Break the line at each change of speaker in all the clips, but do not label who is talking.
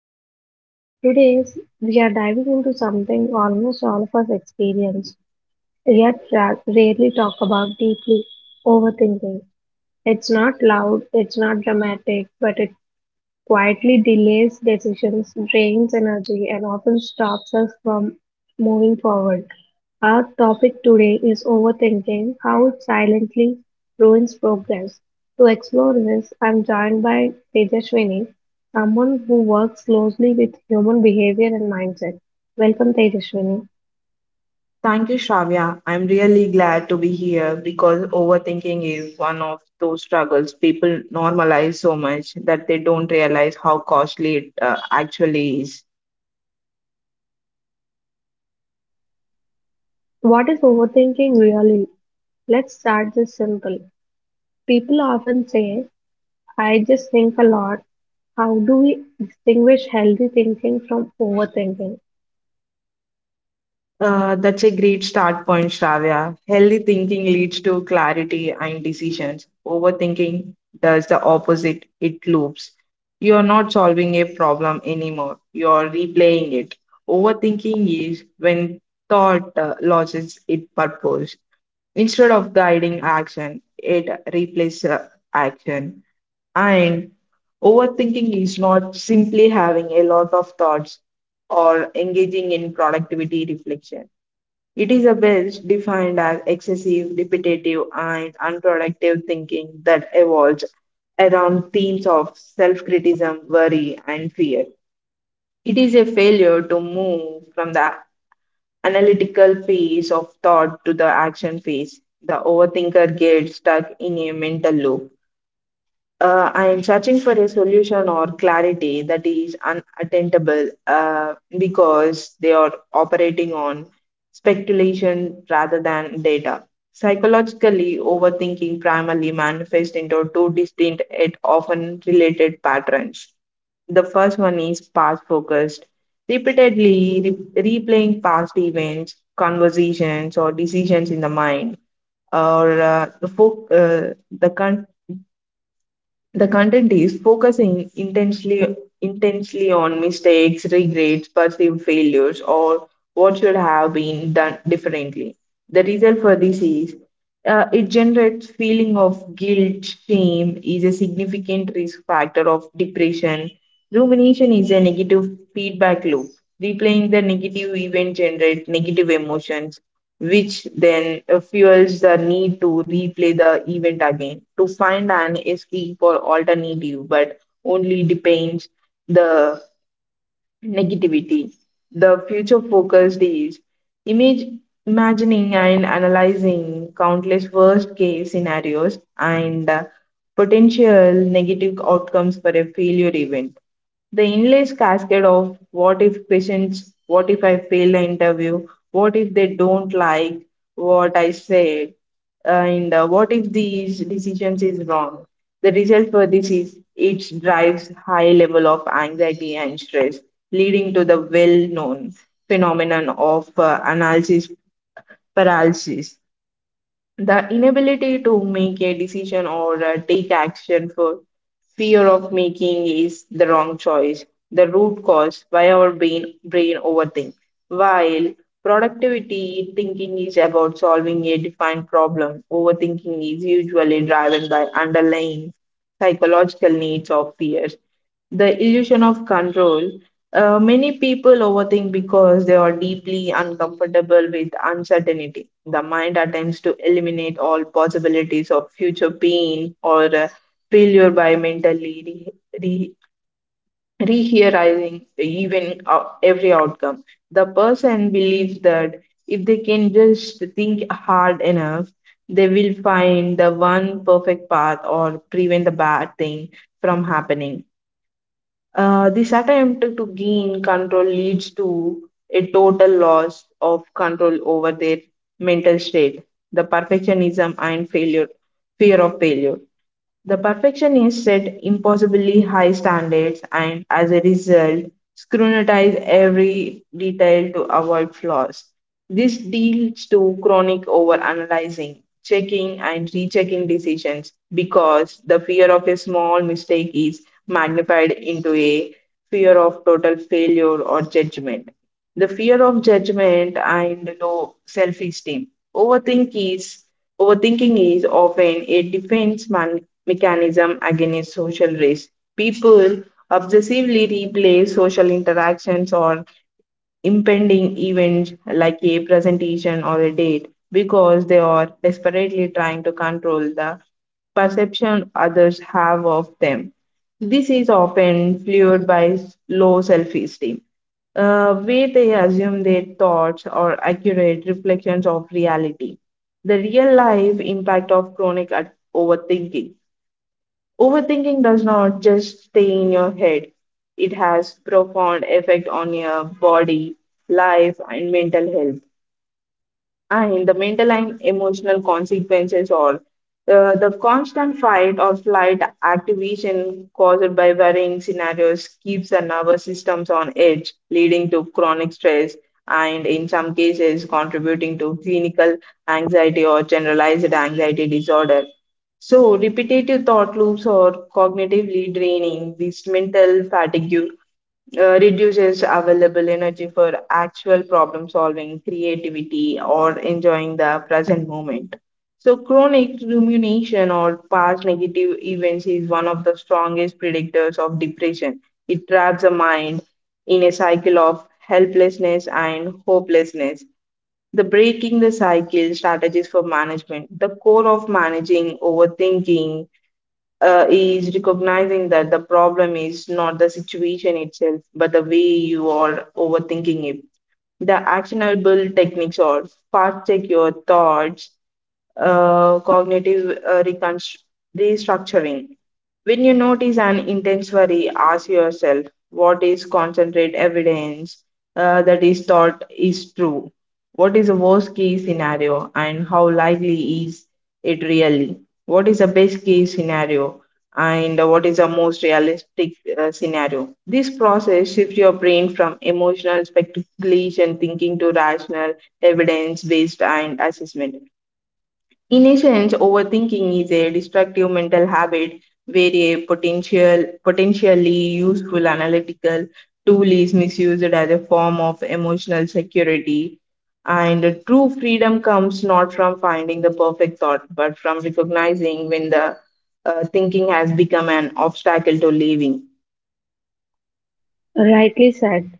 podcast. Today, we are diving into something almost all of us experience, yet rarely talk about deeply overthinking. It's not loud, it's not dramatic, but it quietly delays decisions, drains energy, and often stops us from moving forward. Our topic today is overthinking, how it silently ruins progress. To explore this, I'm joined by Tejaswini, someone who works closely with human behavior and mindset. Welcome, Tejaswini.
Thank you, Shravya. I'm really glad to be here because overthinking is one of those struggles people normalize so much that they don't realize how costly it actually is.
What is overthinking really? Let's start this simple. People often say I just think a lot. How do we distinguish healthy thinking from overthinking?
That's a great start point, Shravya. Healthy thinking leads to clarity and decisions. Overthinking does the opposite, it loops. You're not solving a problem anymore, you're replaying it. Overthinking is when thought loses its purpose. Instead of guiding action, it replaces action. And overthinking is not simply having a lot of thoughts or engaging in productivity reflection. It is a best defined as excessive, repetitive, and unproductive thinking that evolves around themes of self criticism, worry, and fear. It is a failure to move from the analytical phase of thought to the action phase. The overthinker gets stuck in a mental loop, I am searching for a solution or clarity that is unattainable because they are operating on speculation rather than data. Psychologically, overthinking primarily manifests into two distinct yet often related patterns. The first one is past focused, repeatedly replaying past events, conversations, or decisions in the mind, or the, fo- the con- the content is focusing intensely on mistakes, regrets, perceived failures, or what should have been done differently. The result for this is, it generates feeling of guilt. Shame is a significant risk factor of depression. Rumination is a negative feedback loop. Replaying the negative event generates negative emotions, which then fuels the need to replay the event again to find an escape or alternative, but only depends the negativity. The future focused is image imagining and analyzing countless worst case scenarios and potential negative outcomes for a failure event. The endless cascade of what if questions, what if I fail the interview, what if they don't like what I said, and what if these decisions is wrong. The result for this is it drives high level of anxiety and stress, leading to the well-known phenomenon of analysis paralysis, the inability to make a decision or take action for fear of making is the wrong choice, the root cause why our brain overthinks. While productivity thinking is about solving a defined problem, overthinking is usually driven by underlying psychological needs of fears. The illusion of control. Many people overthink because they are deeply uncomfortable with uncertainty. The mind attempts to eliminate all possibilities of future pain or failure by mentally re- rehearing even every outcome. The person believes that if they can just think hard enough, they will find the one perfect path or prevent the bad thing from happening. This attempt to gain control leads to a total loss of control over their mental state, the perfectionism and failure, fear of failure. The perfectionist set impossibly high standards and, as a result, scrutinize every detail to avoid flaws. This leads to chronic overanalyzing, checking, and rechecking decisions because the fear of a small mistake is magnified into a fear of total failure or judgment. The fear of judgment and low self esteem. Overthink is Overthinking is often a defense mechanism against social risk. People obsessively replay social interactions or impending events like a presentation or a date because they are desperately trying to control the perception others have of them. This is often fueled by low self esteem, where they assume their thoughts are accurate reflections of reality. The real life impact of chronic overthinking. Overthinking does not just stay in your head. It has profound effect on your body, life and mental health, and the mental and emotional consequences, or the constant fight or flight activation caused by varying scenarios keeps the nervous systems on edge, leading to chronic stress and, in some cases, contributing to clinical anxiety or generalized anxiety disorder. So, repetitive thought loops or cognitively draining, this mental fatigue reduces available energy for actual problem solving, creativity, or enjoying the present moment. So, chronic rumination or past negative events is one of the strongest predictors of depression. It traps the mind in a cycle of helplessness and hopelessness. The breaking the cycle strategies for management. The core of managing overthinking is recognizing that the problem is not the situation itself, but the way you are overthinking it. The actionable techniques are fast check your thoughts, cognitive restructuring. When you notice an intense worry, ask yourself, what is concentrate evidence that is thought is true? What is the worst case scenario and how likely is it really? What is the best case scenario and what is the most realistic scenario? This process shifts your brain from emotional speculation thinking to rational evidence based and assessment. In essence, overthinking is a destructive mental habit where a potentially useful analytical tool is misused as a form of emotional security. And the true freedom comes not from finding the perfect thought, but from recognizing when the thinking has become an obstacle to living.
Rightly said.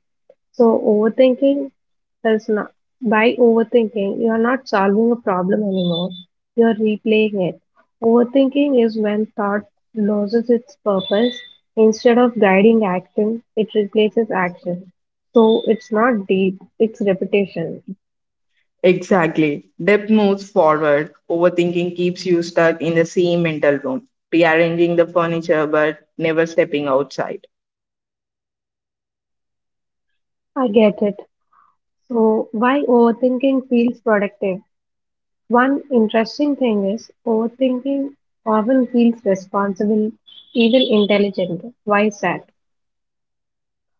So, overthinking is not, by overthinking, you are not solving a problem anymore, you are replaying it. Overthinking is when thought loses its purpose. Instead of guiding action, it replaces action. So, it's not deep, it's repetition.
Exactly. Depth moves forward. Overthinking keeps you stuck in the same mental room, rearranging the furniture but never stepping outside.
I get it. So, why overthinking feels productive? One interesting thing is overthinking often feels responsible, even intelligent. Why is that?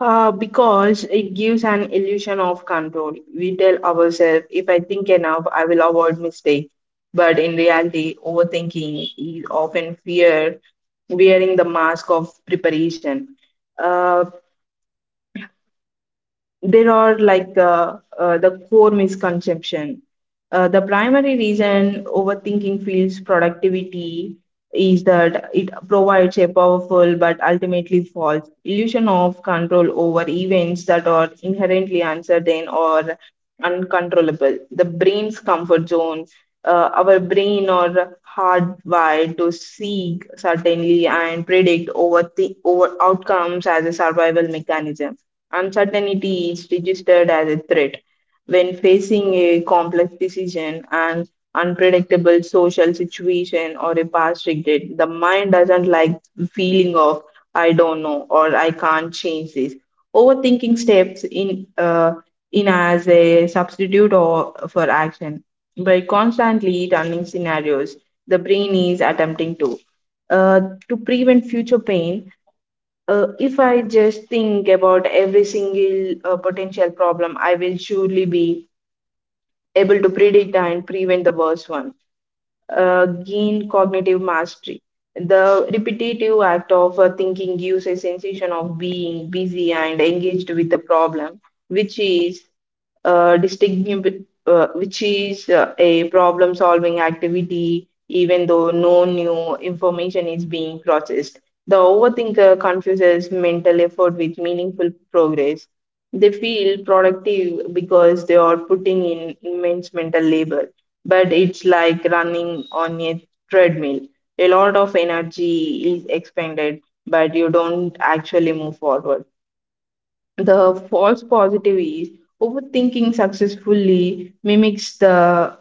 Because it gives an illusion of control. We tell ourselves, if I think enough, I will avoid mistake. But in reality, overthinking is often fear wearing the mask of preparation. Uh, there are like the core misconception. The primary reason overthinking feels productivity is that it provides a powerful but ultimately false illusion of control over events that are inherently uncertain or uncontrollable. The brain's comfort zone. Our brain are hardwired to seek certainty and predict over outcomes as a survival mechanism. Uncertainty is registered as a threat when facing a complex decision, an unpredictable social situation, or a past regret. The mind doesn't like the feeling of "I don't know" or "I can't change this." Overthinking steps in, uh, in as a substitute or for action by constantly running scenarios. The brain is attempting to, uh, to prevent future pain. If I just think about every single potential problem, I will surely be able to predict and prevent the worst one. Gain cognitive mastery. The repetitive act of thinking gives a sensation of being busy and engaged with the problem, which is a problem solving activity, even though no new information is being processed. The overthinker confuses mental effort with meaningful progress. They feel productive because they are putting in immense mental labor, but it's like running on a treadmill. A lot of energy is expended, but you don't actually move forward. The false positive is overthinking successfully mimics the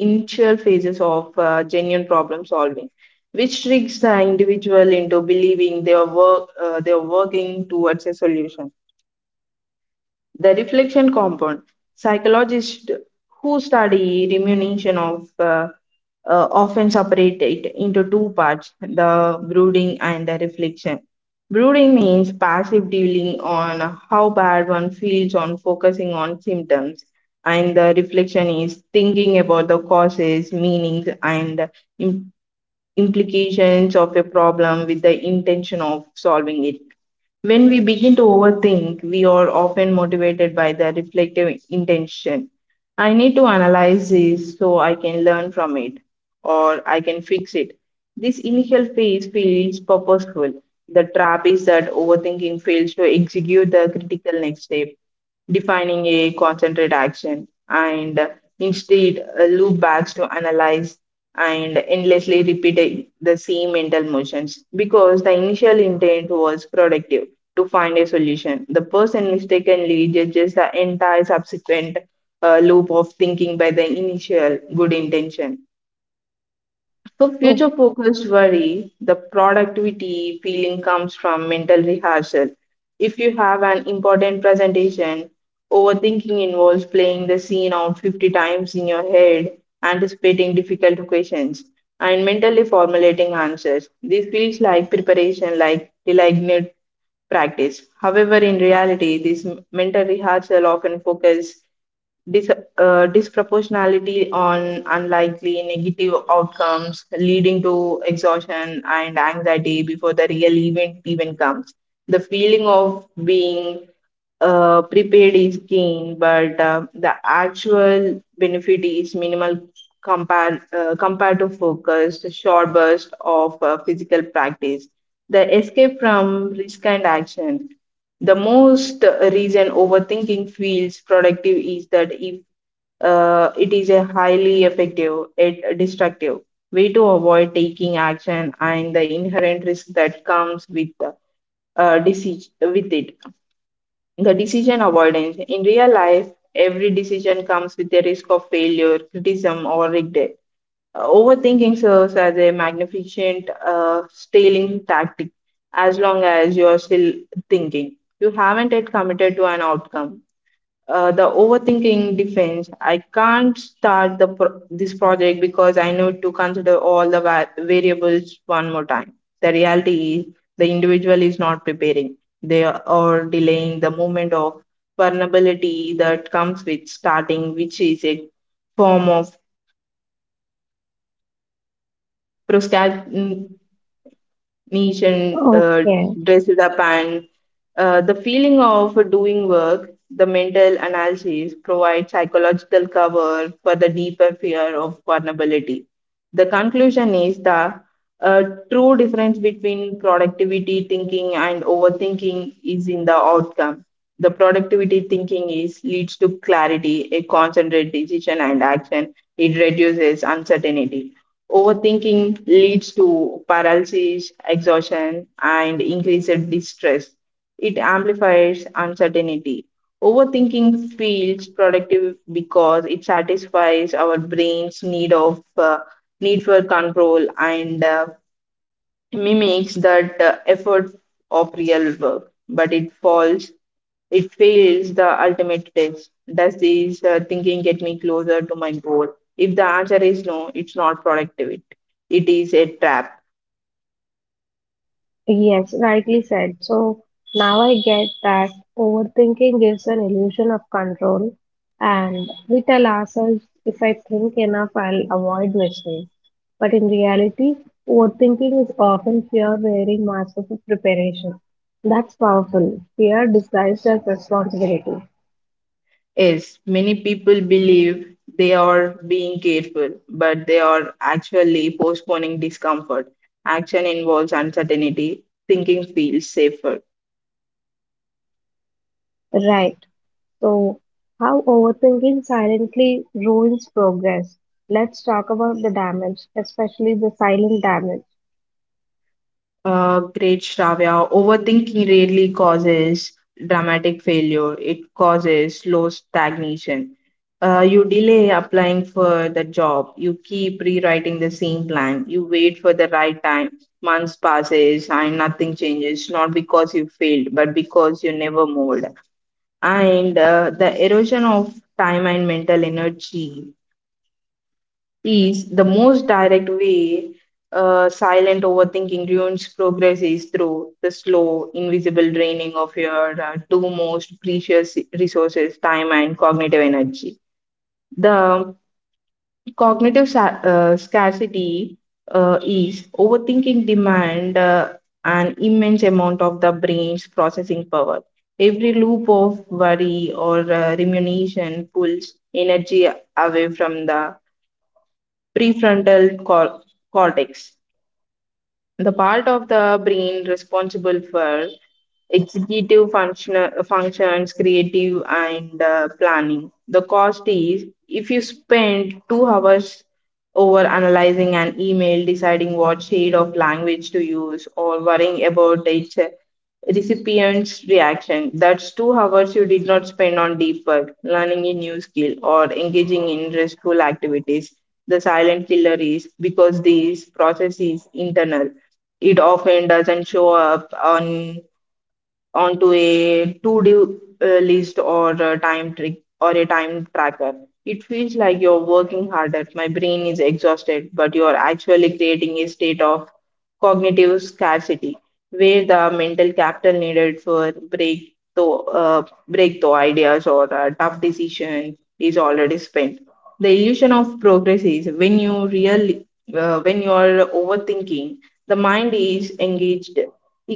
initial phases of genuine problem solving, which tricks the individual into believing they are work they are working towards a solution. The reflection compound. Psychologists who study diminution of often separated into two parts, the brooding and the reflection. Brooding means passive dealing on how bad one feels on focusing on symptoms, and the reflection is thinking about the causes, meanings, and im- implications of a problem with the intention of solving it. When we begin to overthink, we are often motivated by the reflective intention. I need to analyze this so I can learn from it or I can fix it. This initial phase feels purposeful. The trap is that overthinking fails to execute the critical next step, defining a concentrate action and instead loop backs to analyze and endlessly repeat the same mental motions because the initial intent was productive, to find a solution. The person mistakenly judges the entire subsequent loop of thinking by the initial good intention. For
Oh,
future focused worry, the productivity feeling comes from mental rehearsal. If you have an important presentation, overthinking involves playing the scene out 50 times in your head, anticipating difficult questions, and mentally formulating answers. This feels like preparation, like delignate practice. However, in reality, this mental rehearsal often focuses Dis- disproportionality on unlikely negative outcomes, leading to exhaustion and anxiety before the real event even comes. The feeling of being prepared is keen, but the actual benefit is minimal compared to focused, short burst of physical practice. The escape from risk and action. The most reason overthinking feels productive is that if it is a highly effective yet destructive way to avoid taking action and the inherent risk that comes with decision with it. The decision avoidance in real life: every decision comes with a risk of failure, criticism, or regret. Overthinking serves as a magnificent stealing tactic. As long as you are still thinking, you haven't yet committed to an outcome. The overthinking defense: I can't start the this project because I need to consider all the variables one more time. The reality is, the individual is not preparing, they are delaying the moment of vulnerability that comes with starting, which is a form of procrastination, neat and
okay.
dressed up, and the feeling of doing work. The mental analysis provides psychological cover for the deeper fear of vulnerability. The conclusion is, the uh, true difference between productivity thinking and overthinking is in the outcome. The productivity thinking is leads to clarity, a concentrated decision and action. It reduces uncertainty. Overthinking leads to paralysis, exhaustion, and increased distress. It amplifies uncertainty. Overthinking feels productive because it satisfies our brain's need of need for control, and mimics that effort of real work, but it falls it fail the ultimate test: does this thinking get me closer to my goal? If the answer is no, it's not productivity. It is a trap.
Yes, rightly said. So now I get that overthinking gives an illusion of control, and we tell ourselves if I think enough, I'll avoid mistakes. But in reality, overthinking is often fear wearing masks of preparation. That's powerful. Fear disguised as responsibility.
Yes, many people believe they are being careful, but they are actually postponing discomfort. Action involves uncertainty. Thinking feels safer.
Right. So, how overthinking silently ruins progress. Let's talk about the damage, especially the silent damage.
Great, Shravya. Overthinking rarely causes dramatic failure. It causes slow stagnation. You delay applying for the job. You keep rewriting the same plan. You wait for the right time. Months passes and nothing changes. Not because you failed, but because you never moved. And the erosion of time and mental energy is the most direct way silent overthinking ruins progress is through the slow, invisible draining of your two most precious resources, time and cognitive energy. The cognitive scarcity is overthinking demand an immense amount of the brain's processing power. Every loop of worry or rumination pulls energy away from the prefrontal cor- cortex, the part of the brain responsible for executive function, functions, creative, and planning. The cost is, if you spend 2 hours over analyzing an email, deciding what shade of language to use, or worrying about its recipient's reaction, that's 2 hours you did not spend on deep work, learning a new skill, or engaging in restful activities. The silent killer is, because these process is internal, it often doesn't show up on onto a to-do list or a time trick or a time tracker. It feels like you're working harder. My brain is exhausted, but you're actually creating a state of cognitive scarcity where the mental capital needed for break to break the ideas or tough decision is already spent. The illusion of progress is, when you really when you are overthinking, the mind is engaged,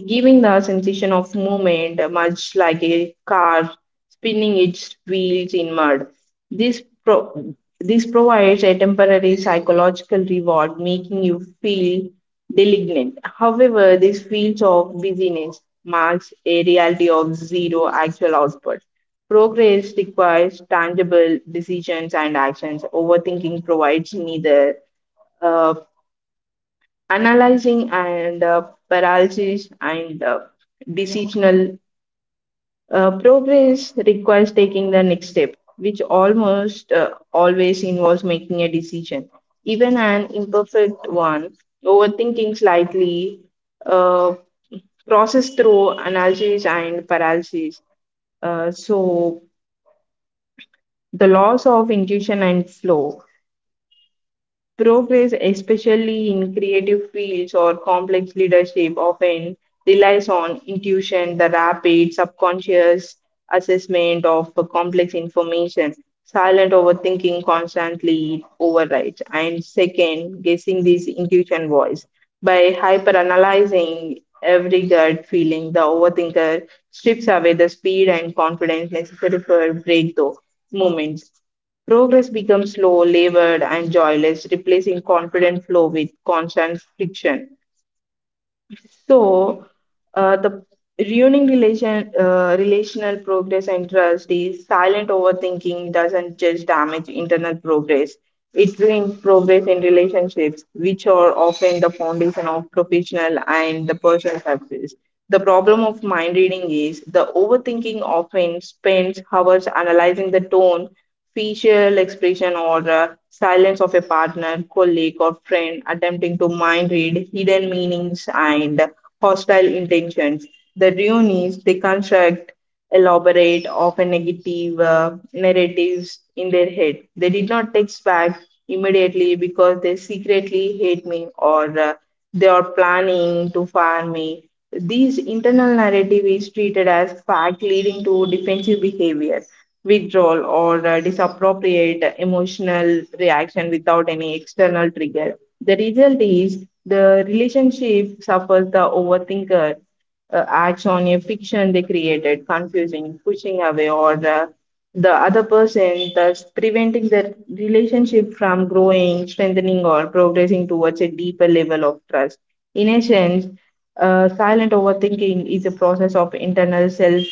giving the sensation of movement, much like a car spinning its wheels in mud. This provides a temporary psychological reward, making you feel malignant. However, this feels of busyness marks a reality of zero actual output. Progress requires tangible decisions and actions. Overthinking provides neither. Uh, analyzing and paralysis, and decisional progress requires taking the next step, which almost always involves making a decision, even an imperfect one. Overthinking slightly, uh, process through analysis and paralysis. So the loss of intuition and flow. Progress, especially in creative fields or complex leadership, often relies on intuition, the rapid subconscious assessment of the complex information. Silent overthinking constantly overrides and second guessing this intuition voice. By hyperanalyzing every gut feeling, the overthinker strips away the speed and confidence necessary for breakthrough moments. Progress becomes slow, labored, and joyless, replacing confident flow with constant friction. So, the relational progress and trust is, silent overthinking doesn't just damage internal progress. It ruins progress in relationships, which are often the foundation of professional and the personal success. The problem of mind reading is, the overthinking often spends hours analyzing the tone, facial expression, or silence of a partner, colleague, or friend, attempting to mind read hidden meanings and hostile intentions. The Reunis, they construct elaborate, often negative narratives in their head. They did not text back immediately because they secretly hate me, or they are planning to fire me. These internal narrative is treated as fact, leading to defensive behavior, withdrawal, or disappropriate emotional reaction without any external trigger. The result is, the relationship suffers. The overthinker acts on a fiction they created, confusing, pushing away, or the other person, thus preventing the relationship from growing, strengthening, or progressing towards a deeper level of trust. In essence, silent overthinking is a process of internal self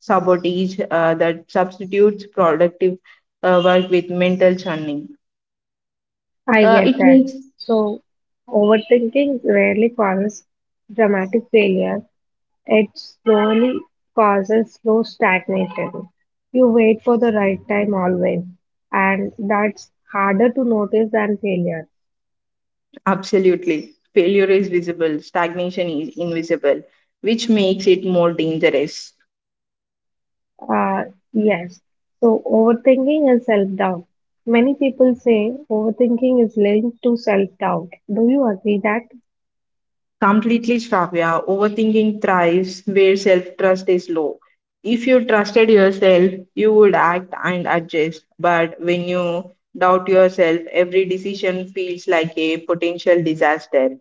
sabotage that substitutes productive work with mental churning.
I
Uh,
get
it
that.
makes
So, overthinking rarely causes dramatic failure. It slowly causes slow stagnation. You wait for the right time always, and that's harder to notice than failure.
absolutely failure is visible, stagnation is invisible, which makes it more dangerous.
Uh, yes. So overthinking is self-doubt. Many people say overthinking is linked to self-doubt. Do you agree that?
Completely, Shravya, overthinking thrives where self trust is low. If you trusted yourself, you would act and adjust. But when you doubt yourself, every decision feels like a potential disaster.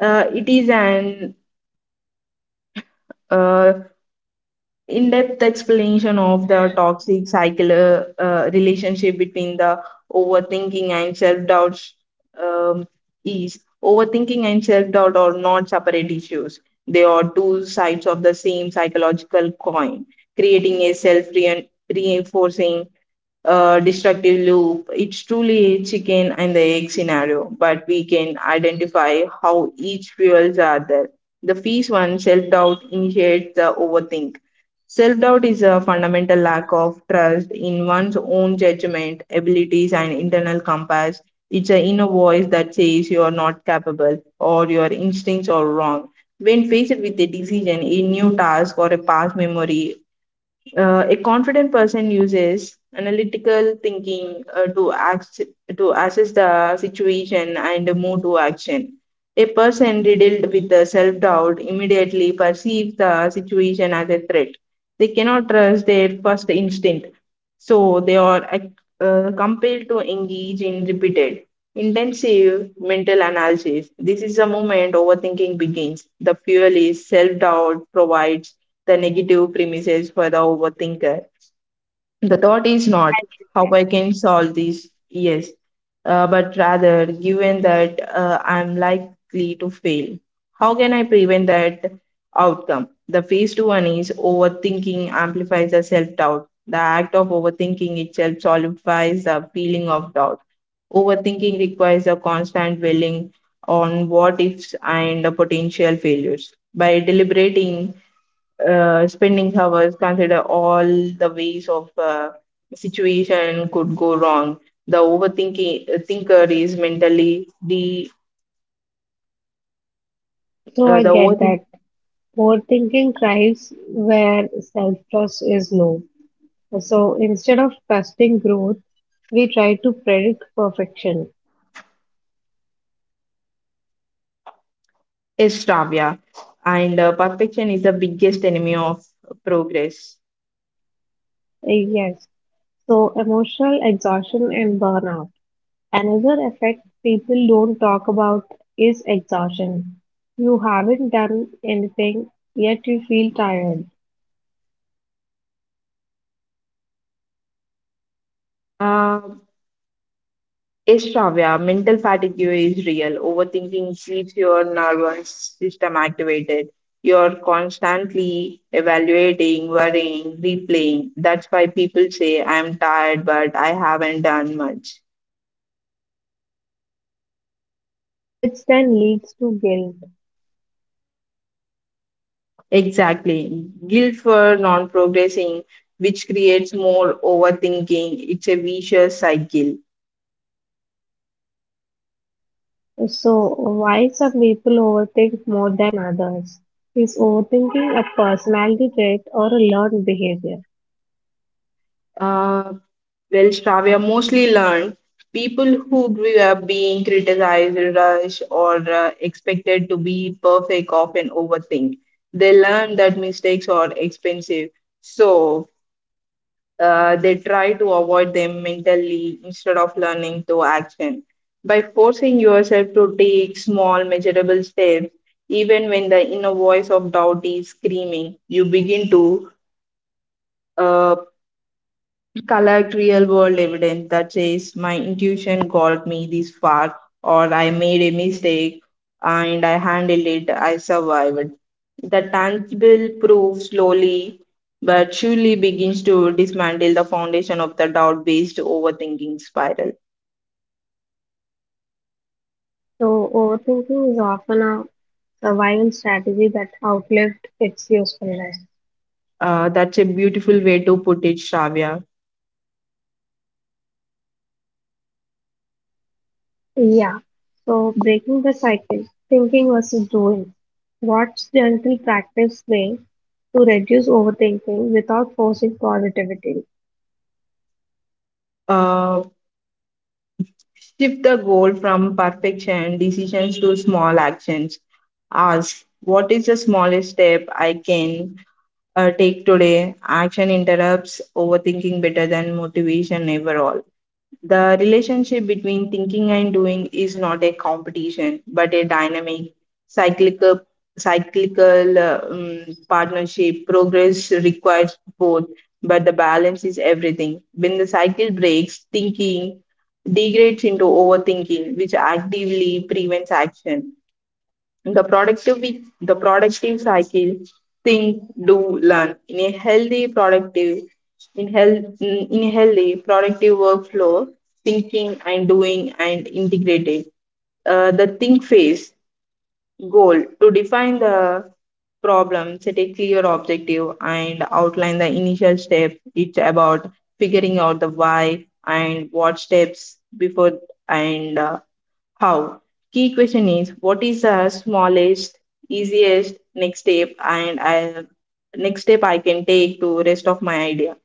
It is an uh, in-depth explanation of the toxic cycle relationship between the overthinking and self-doubt. Um, is overthinking and self-doubt are not separate issues. They are two sides of the same psychological coin, creating a self-reinforcing destructive loop. It's truly a chicken and the egg scenario, but we can identify how each fuels the other. The first one, self-doubt initiates the overthink. Self doubt is a fundamental lack of trust in one's own judgment, abilities, and internal compass. It's an inner voice that says you are not capable or your instincts are wrong. When faced with a decision, a new task, or a past memory, a confident person uses analytical thinking act, to assess the situation and move to action. A person riddled with the self doubt immediately perceives the situation as a threat. They cannot trust their first instinct, so they are compelled to engage in repeated, intensive mental analysis. This is the moment overthinking begins. The fuel is, self doubt provides the negative premises for the overthinker. The thought is not how
Yeah.
I can solve this, yes, but rather, given that I'm likely to fail, how can I prevent that outcome? The phase two one is, overthinking amplifies the self doubt. The act of overthinking itself solidifies the feeling of doubt. Overthinking requires a constant dwelling on what ifs and potential failures. By deliberating spending hours consider all the ways of situation could go wrong, the overthinking thinker is mentally
So I
the
get
overthink
that. Overthinking thrives where self-trust is low. So instead of trusting growth, we try to predict perfection.
is starved, yeah, and perfection is the biggest enemy of progress.
Yes. So emotional exhaustion and burnout. Another effect people don't talk about is exhaustion. You haven't done anything, yet you feel tired,
uh, Yes, Shravya, mental fatigue is real. Overthinking keeps your nervous system activated. You're constantly evaluating, worrying, replaying. That's why people say, I'm tired, but I haven't done much.
which then leads to guilt.
Exactly. Guilt for non progressing, which creates more overthinking. It's a vicious cycle.
So, why some people overthink more than others? Is overthinking a personality trait or a learned behavior?
Uh, Well, Shravya, mostly learned people who grew up being criticized, rushed, or expected to be perfect often overthink. They learn that mistakes are expensive, so they try to avoid them mentally instead of learning through action. By forcing yourself to take small, measurable steps, even when the inner voice of doubt is screaming, you begin to uh, collect real world evidence that says my intuition got me this far, or I made a mistake and I handled it, I survived. The tangible proof slowly but surely begins to dismantle the foundation of the doubt based overthinking spiral.
So, overthinking is often a survival strategy that outlived its usefulness.
That's a beautiful way to put it, Shravya.
Yeah, so breaking the cycle, thinking versus doing. What's gentle practice way to reduce overthinking without forcing positivity?
Uh, shift the goal from perfection decisions to small actions. Ask, what is the smallest step I can take today. Action interrupts overthinking better than motivation ever all. The relationship between thinking and doing is not a competition, but a dynamic, cyclical, cyclical partnership. Progress requires both, but the balance is everything. When the cycle breaks, thinking degrades into overthinking, which actively prevents action. The productive we- the productive cycle: think, do, learn. In a healthy productive in health in a healthy productive workflow, thinking and doing and integrated. The think phase goal: to define the problem, set a clear objective, and outline the initial step. It's about figuring out the why and what steps before, and how? Key question is, what is the smallest, easiest next step next step I can take to rest of my idea.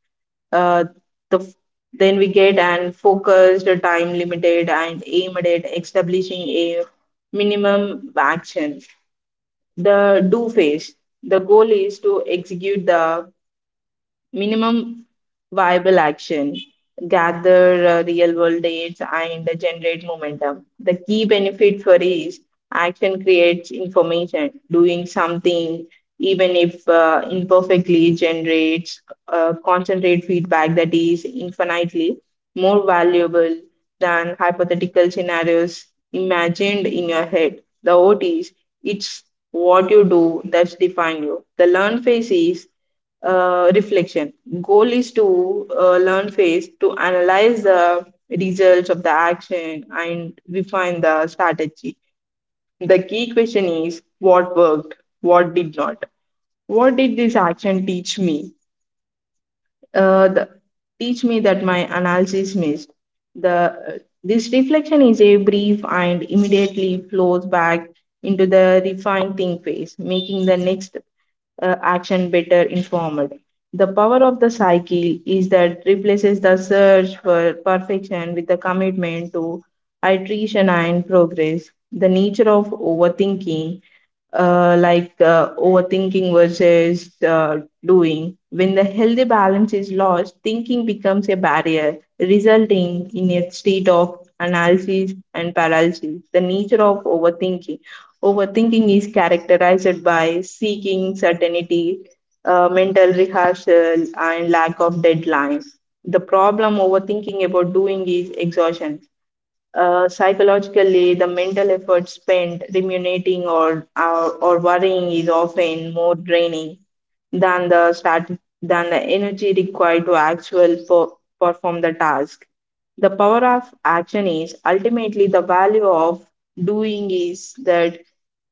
Uh, the f- then we get an focused, time limited, and aimed at establishing a minimum action. The do phase. The goal is to execute the minimum viable action, gather real world data, and generate momentum. The key benefit for is, action creates information. Doing something, even if imperfectly, generates concentrate feedback that is infinitely more valuable than hypothetical scenarios imagined in your head. The OT is, it's what you do that's define you. The learn phase is reflection. Goal is to learn phase to analyze the results of the action and refine the strategy. The key question is, what worked, what did not. What did this action teach me? Uh, the, teach me that my analysis missed. The This reflection is a brief and immediately flows back into the refine think phase, making the next action better informed. The power of the cycle is that replaces the search for perfection with the commitment to iteration and progress. The nature of overthinking, overthinking versus doing. When the healthy balance is lost, thinking becomes a barrier, resulting in a state of analysis and paralysis. The nature of overthinking. Overthinking is characterized by seeking certainty, mental rehearsal, and lack of deadline. The problem overthinking about doing is exhaustion. Psychologically, the mental effort spent ruminating or worrying is often more draining than the start than the energy required to perform the task. The power of action is, ultimately the value of doing is that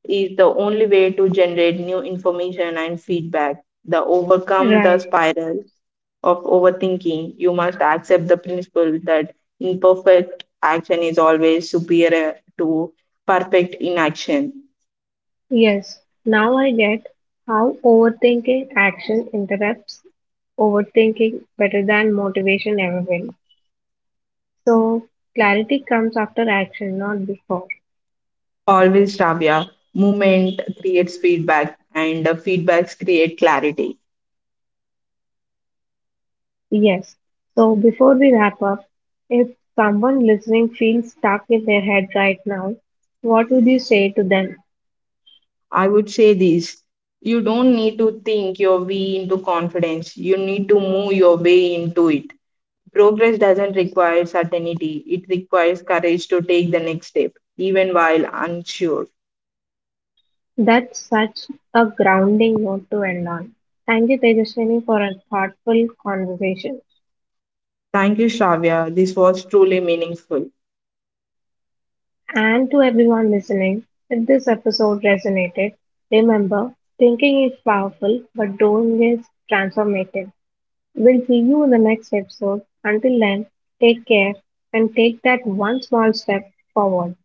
is the only way to generate new information and feedback. The overcome the
Right.
spiral of overthinking, you must accept the principle that imperfect action is always superior to perfect inaction.
Yes. Now I get how overthinking action interrupts overthinking better than motivation ever will. So clarity comes after action, not before.
Always, Tavia, movement creates feedback, and the feedbacks create clarity.
Yes. So before we wrap up, if someone listening feels stuck in their head right now, what would you say to them?
I would say this: you don't need to think your way into confidence, you need to move your way into it. Progress doesn't require certainty, it requires courage to take the next step, even while unsure.
That's such a grounding note to end on. Thank you, Tejaswini, for a thoughtful conversation.
Thank you, Shravya. This was truly meaningful.
And to everyone listening, if this episode resonated, remember thinking is powerful, but doing is transformative. We'll see you in the next episode. Until then, take care and take that one small step forward.